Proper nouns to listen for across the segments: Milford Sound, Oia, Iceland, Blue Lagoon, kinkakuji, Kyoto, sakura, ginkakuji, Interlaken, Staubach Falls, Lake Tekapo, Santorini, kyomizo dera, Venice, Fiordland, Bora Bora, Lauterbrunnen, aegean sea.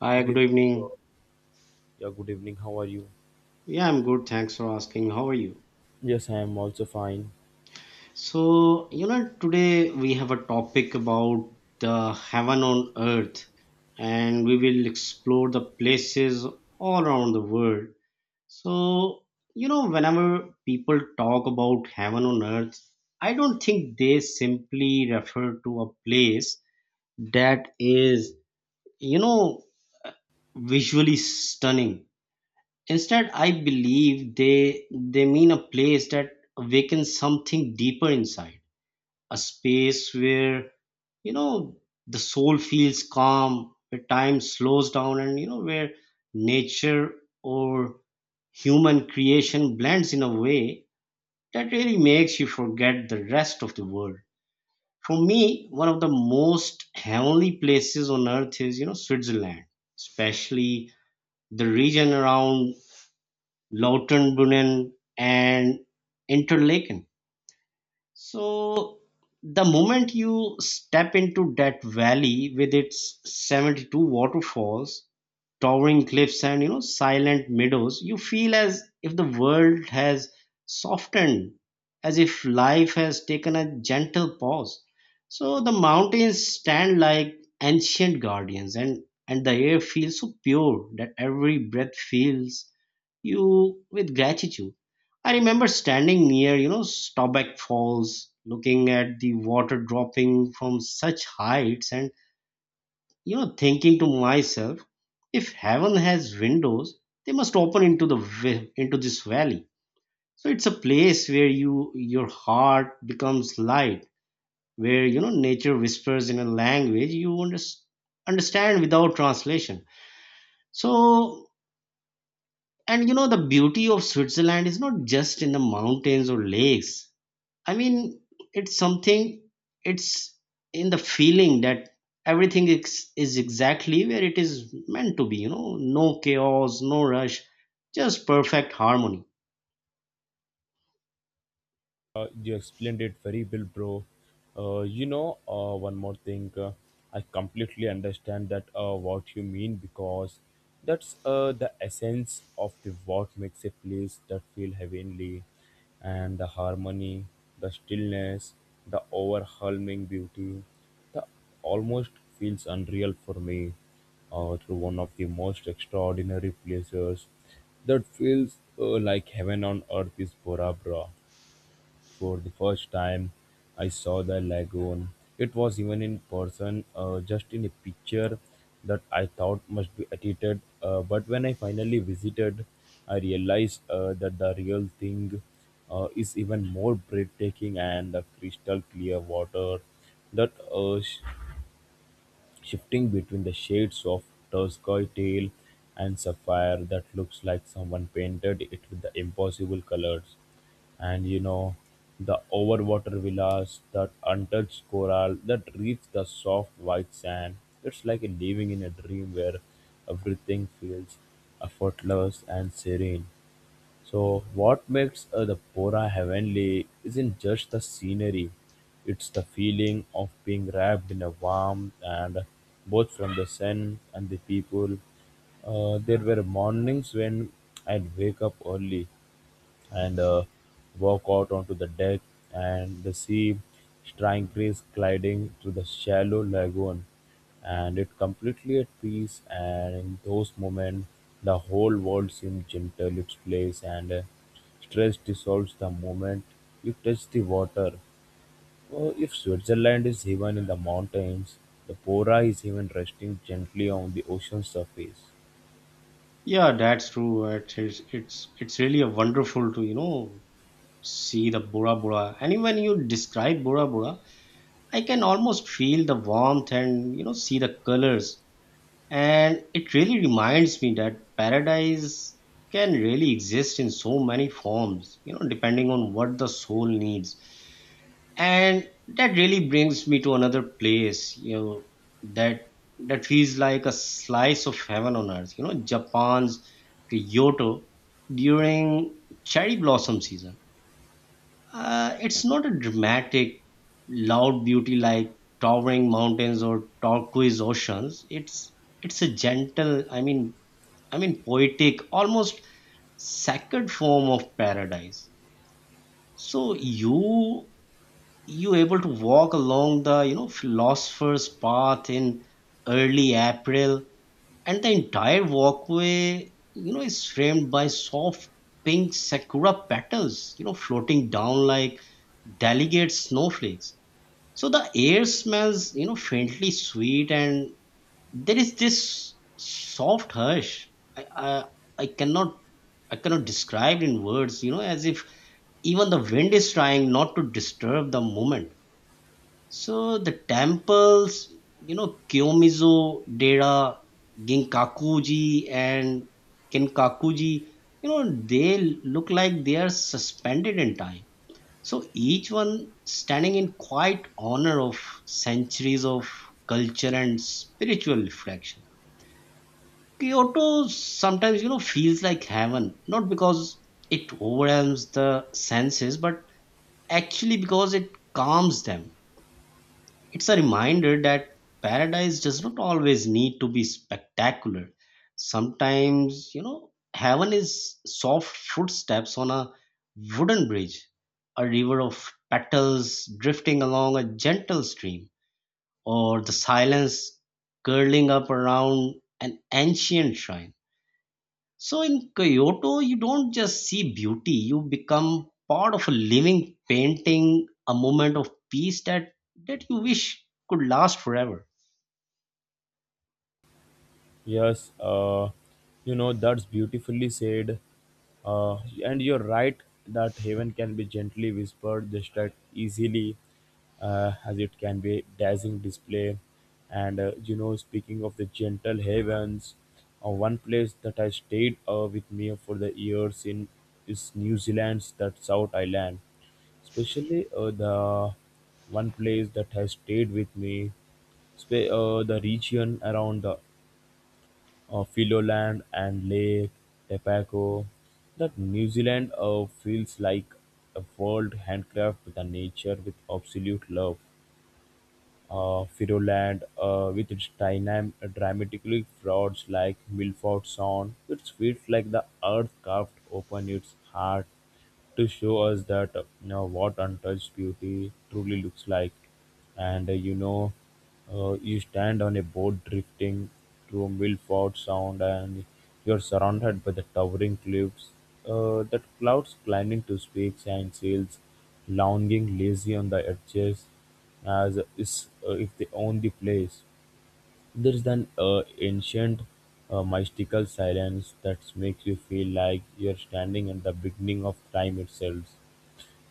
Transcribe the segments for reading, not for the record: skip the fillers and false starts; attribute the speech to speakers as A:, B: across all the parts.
A: Hi,
B: Good
A: good
B: evening,
A: evening.
B: bro. Yeah, good evening. How are you?
A: Yeah, I'm good. Thanks for asking. How are you?
B: Yes, I am also fine.
A: Today we have a topic about the heaven on earth, and we will explore the places all around the world. So, Whenever people talk about heaven on earth, I don't think they simply refer to a place that is, you know, visually stunning. Instead, I believe they mean a place that awakens something deeper inside, a space where you know the soul feels calm, where time slows down, and where nature or human creation blends in a way that really makes you forget the rest of the world. For me, one of the most heavenly places on earth is Switzerland, especially the region around Lautenbrunnen and Interlaken. So the moment you step into that valley with its 72 waterfalls, towering cliffs and silent meadows, you feel as if the world has softened, as if life has taken a gentle pause. So the mountains stand like ancient guardians, and the air feels so pure that every breath fills you with gratitude. I remember standing near, Staubach Falls, looking at the water dropping from such heights and, thinking to myself, if heaven has windows, they must open into into this valley. So it's a place where your heart becomes light, where nature whispers in a language you understand without translation. So and you know The beauty of Switzerland is not just in the mountains or lakes. I mean, it's something, it's in the feeling that everything is exactly where it is meant to be, you know, no chaos, no rush, just perfect harmony.
B: You explained it very well, bro. One more thing. I completely understand that what you mean, because that's, the essence of the what makes a place that feel heavenly, and the harmony, the stillness, the overwhelming beauty, the almost feels unreal for me. Through one of the most extraordinary places that feels, like heaven on earth is Bora Bra. For the first time I saw the lagoon. It was even in person, just in a picture that I thought must be edited. But when I finally visited, I realized, that the real thing, is even more breathtaking, and the crystal clear water that shifting between the shades of turquoise and sapphire that looks like someone painted it with the impossible colors. And you know, the overwater villas, that untouched coral, that reach the soft white sand. It's like living in a dream where everything feels effortless and serene. So, what makes, the Pora heavenly isn't just the scenery, it's the feeling of being wrapped in a warmth, and both from the sun and the people. There were mornings when I'd wake up early and walk out onto the deck, and the sea strangers gliding through the shallow lagoon, and it completely at peace, and in those moments the whole world seems gentle its place, and stress dissolves the moment you touch the water. Oh, if Switzerland is even in the mountains, the Pora is even resting gently on the ocean surface.
A: Yeah, that's true. It's really a wonderful to, see the Bora Bora. And when you describe Bora Bora, I can almost feel the warmth and, see the colors. And it really reminds me that paradise can really exist in so many forms, you know, depending on what the soul needs. And that really brings me to another place, that that feels like a slice of heaven on earth, you know, Japan's Kyoto during cherry blossom season. It's not a dramatic, loud beauty like towering mountains or turquoise oceans. It's a gentle, I mean, poetic, almost sacred form of paradise. So you able to walk along the philosopher's path in early April, and the entire walkway is framed by soft pink sakura petals, you know, floating down like delicate snowflakes. So the air smells faintly sweet, and there is this soft hush I, I i cannot I cannot describe in words, as if even the wind is trying not to disturb the moment. So the temples, Kyomizo Dera, Ginkakuji and Kinkakuji, you know they look like they are suspended in time, so each one standing in quiet honor of centuries of culture and spiritual reflection. Kyoto sometimes, you know, feels like heaven, not because it overwhelms the senses, but actually because it calms them. It's a reminder that paradise does not always need to be spectacular. Sometimes, you know, heaven is soft footsteps on a wooden bridge, a river of petals drifting along a gentle stream, or the silence curling up around an ancient shrine. So in Kyoto, you don't just see beauty, you become part of a living painting, a moment of peace that you wish could last forever.
B: Yes, you know, that's beautifully said. Uh, and you're right that heaven can be gently whispered just as easily, as it can be dazzling display. And you know, speaking of the gentle heavens, one place that I stayed, with me for the years in is New Zealand's that South Island, especially, the one place that has stayed with me the region around the, Filoland and Lake Tepako. That New Zealand, feels like a world handcrafted the nature with absolute love. Firoland, with its dramatically frauds like Milford Sound. It feels like the earth carved open its heart to show us that, you know, what untouched beauty truly looks like. And you stand on a boat drifting through Milford Sound, and you're surrounded by the towering cliffs, that clouds climbing to peaks and sails, lounging lazy on the edges as is, if they own the place. There is an ancient, mystical silence that makes you feel like you're standing at the beginning of time itself,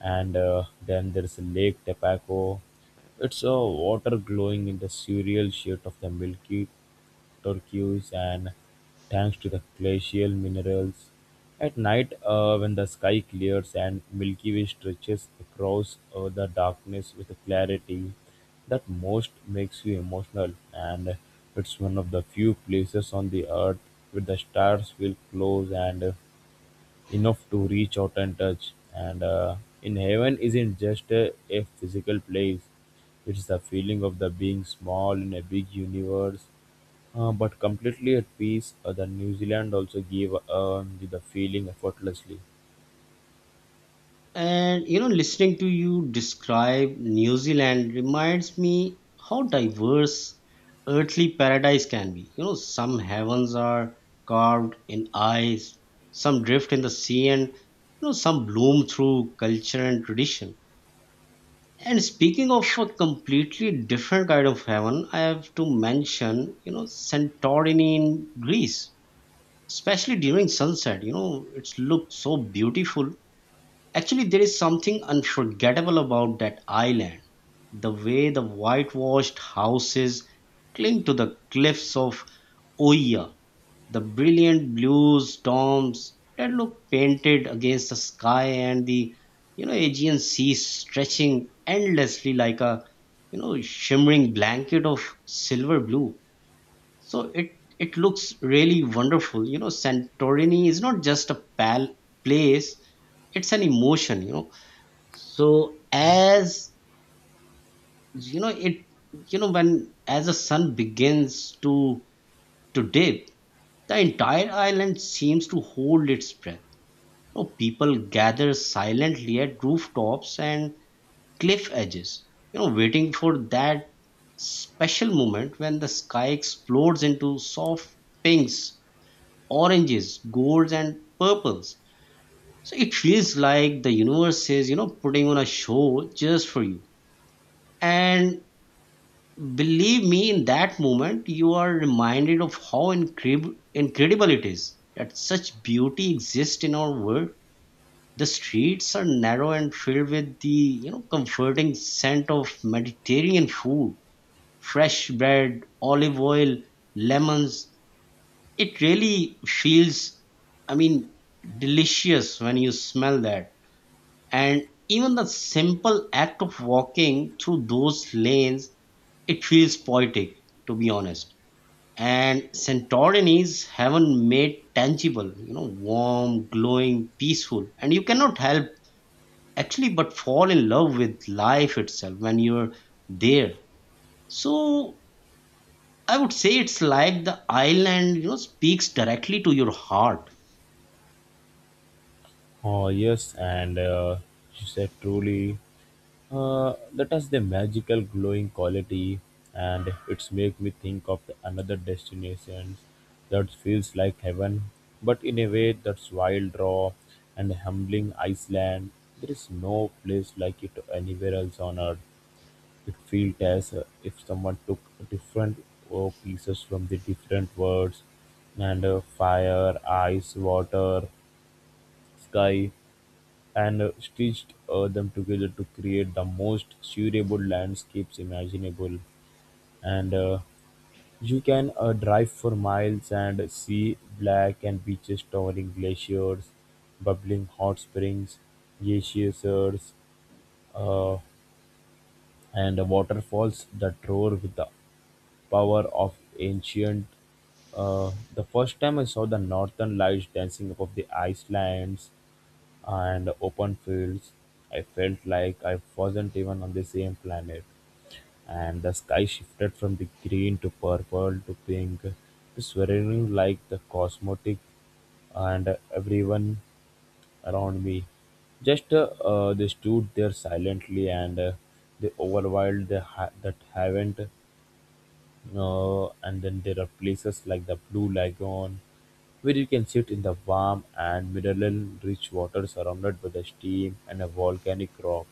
B: and then there's Lake Tepaco. It's a water glowing in the surreal shade of the milky turquoise, and thanks to the glacial minerals. At night, when the sky clears and Milky Way stretches across, the darkness with a clarity that most makes you emotional, and it's one of the few places on the earth where the stars feel close and enough to reach out and touch. And in heaven isn't just a physical place; it's the feeling of the being small in a big universe, but completely at peace. The New Zealand also gave, the feeling effortlessly.
A: And you know, listening to you describe New Zealand reminds me how diverse earthly paradise can be. You know, some heavens are carved in ice, some drift in the sea, and some bloom through culture and tradition. And speaking of a completely different kind of heaven, I have to mention, Santorini in Greece, especially during sunset. You know, it's looked so beautiful. Actually, there is something unforgettable about that island. The way the whitewashed houses cling to the cliffs of Oia, the brilliant blue storms that look painted against the sky, and the Aegean sea stretching endlessly like a shimmering blanket of silver blue. So it looks really wonderful. Santorini is not just a place, it's an emotion, you know so as you know it you know when as the sun begins to dip, the entire island seems to hold its breath. You know, people gather silently at rooftops and cliff edges, you know, waiting for that special moment when the sky explodes into soft pinks, oranges, golds, and purples. So it feels like the universe is, you know, putting on a show just for you. And believe me, in that moment, you are reminded of how incredible it is that such beauty exists in our world. The streets are narrow and filled with the comforting scent of Mediterranean food, fresh bread, olive oil, lemons. It really feels, I mean, delicious when you smell that. And even the simple act of walking through those lanes, it feels poetic, to be honest. And Santorini's heaven made tangible, you know, warm, glowing, peaceful. And you cannot help actually but fall in love with life itself when you're there. So I would say it's like the island, you know, speaks directly to your heart.
B: Oh yes, and she said truly. That has the magical glowing quality, and it's make me think of another destinations that feels like heaven, but in a way that's wild raw and humbling. Iceland, there is no place like it anywhere else on earth. It feels as, if someone took different, pieces from the different worlds, and fire, ice, water, sky, and stitched, them together to create the most durable landscapes imaginable. And you can, drive for miles and see black and beaches, towering glaciers, bubbling hot springs, glaciers, uh, and waterfalls that roar with the power of ancient. The first time I saw the northern lights dancing above the Icelands and open fields, I felt like I wasn't even on the same planet. And the sky shifted from the green to purple to pink to swirling like the cosmetic, and everyone around me. Just they stood there silently, and they overwhelmed the that haven't. And then there are places like the Blue Lagoon where you can sit in the warm and mineral rich water surrounded by the steam and a volcanic rock.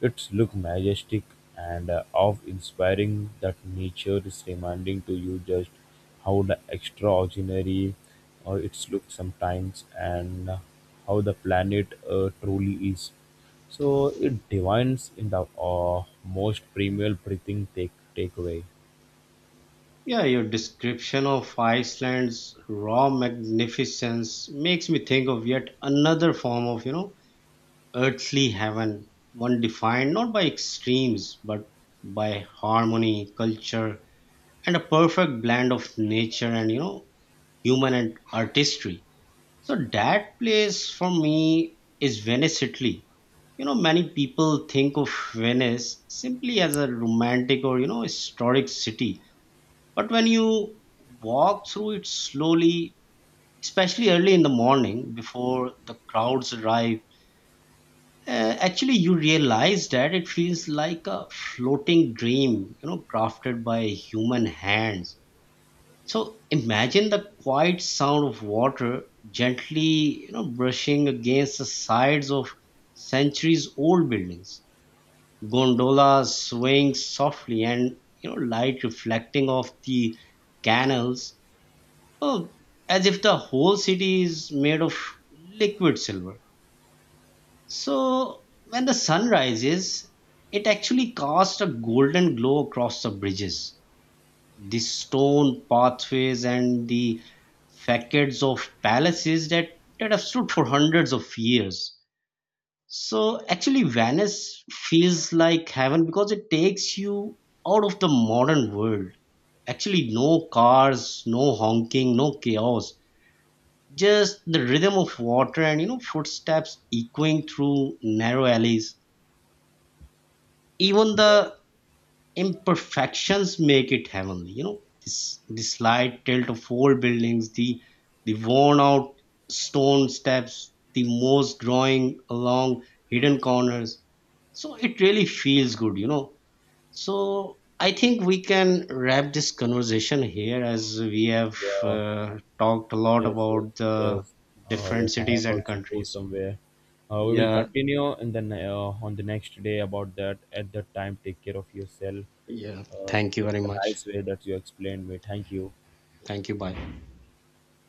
B: Its look majestic, and awe-inspiring that nature is reminding to you just how the extraordinary, its look sometimes, and how the planet, truly is. So it divines in the, most premium breathing takeaway.
A: Yeah, your description of Iceland's raw magnificence makes me think of yet another form of, earthly heaven, one defined not by extremes but by harmony, culture, and a perfect blend of nature and human and artistry. So that place for me is Venice, Italy. You know, many people think of Venice simply as a romantic or historic city, but when you walk through it slowly, especially early in the morning before the crowds arrive, actually, you realize that it feels like a floating dream, you know, crafted by human hands. So imagine the quiet sound of water gently, you know, brushing against the sides of centuries-old buildings. Gondolas swaying softly, and you know, light reflecting off the canals, you know, as if the whole city is made of liquid silver. So when the sun rises, it actually casts a golden glow across the bridges, the stone pathways, and the facades of palaces that have stood for hundreds of years. So actually, Venice feels like heaven because it takes you out of the modern world. Actually, no cars, no honking, no chaos. Just the rhythm of water and footsteps echoing through narrow alleys. Even the imperfections make it heavenly, this the slight tilt of old buildings, the worn out stone steps, the moss growing along hidden corners. So it really feels good, you know. So I think we can wrap this conversation here as we have
B: Yeah,
A: talked a lot
B: yes, yes,
A: about the
B: yes. Oh, yes,
A: different
B: I
A: cities
B: have
A: and
B: also go
A: countries.
B: somewhere. We will
A: Yeah.
B: continue in the on the next day about that. At that time, take care of yourself.
A: Yeah,
B: Uh,
A: thank you very
B: that's a
A: much.
B: nice way that you explained me. Thank you.
A: Thank you, bye.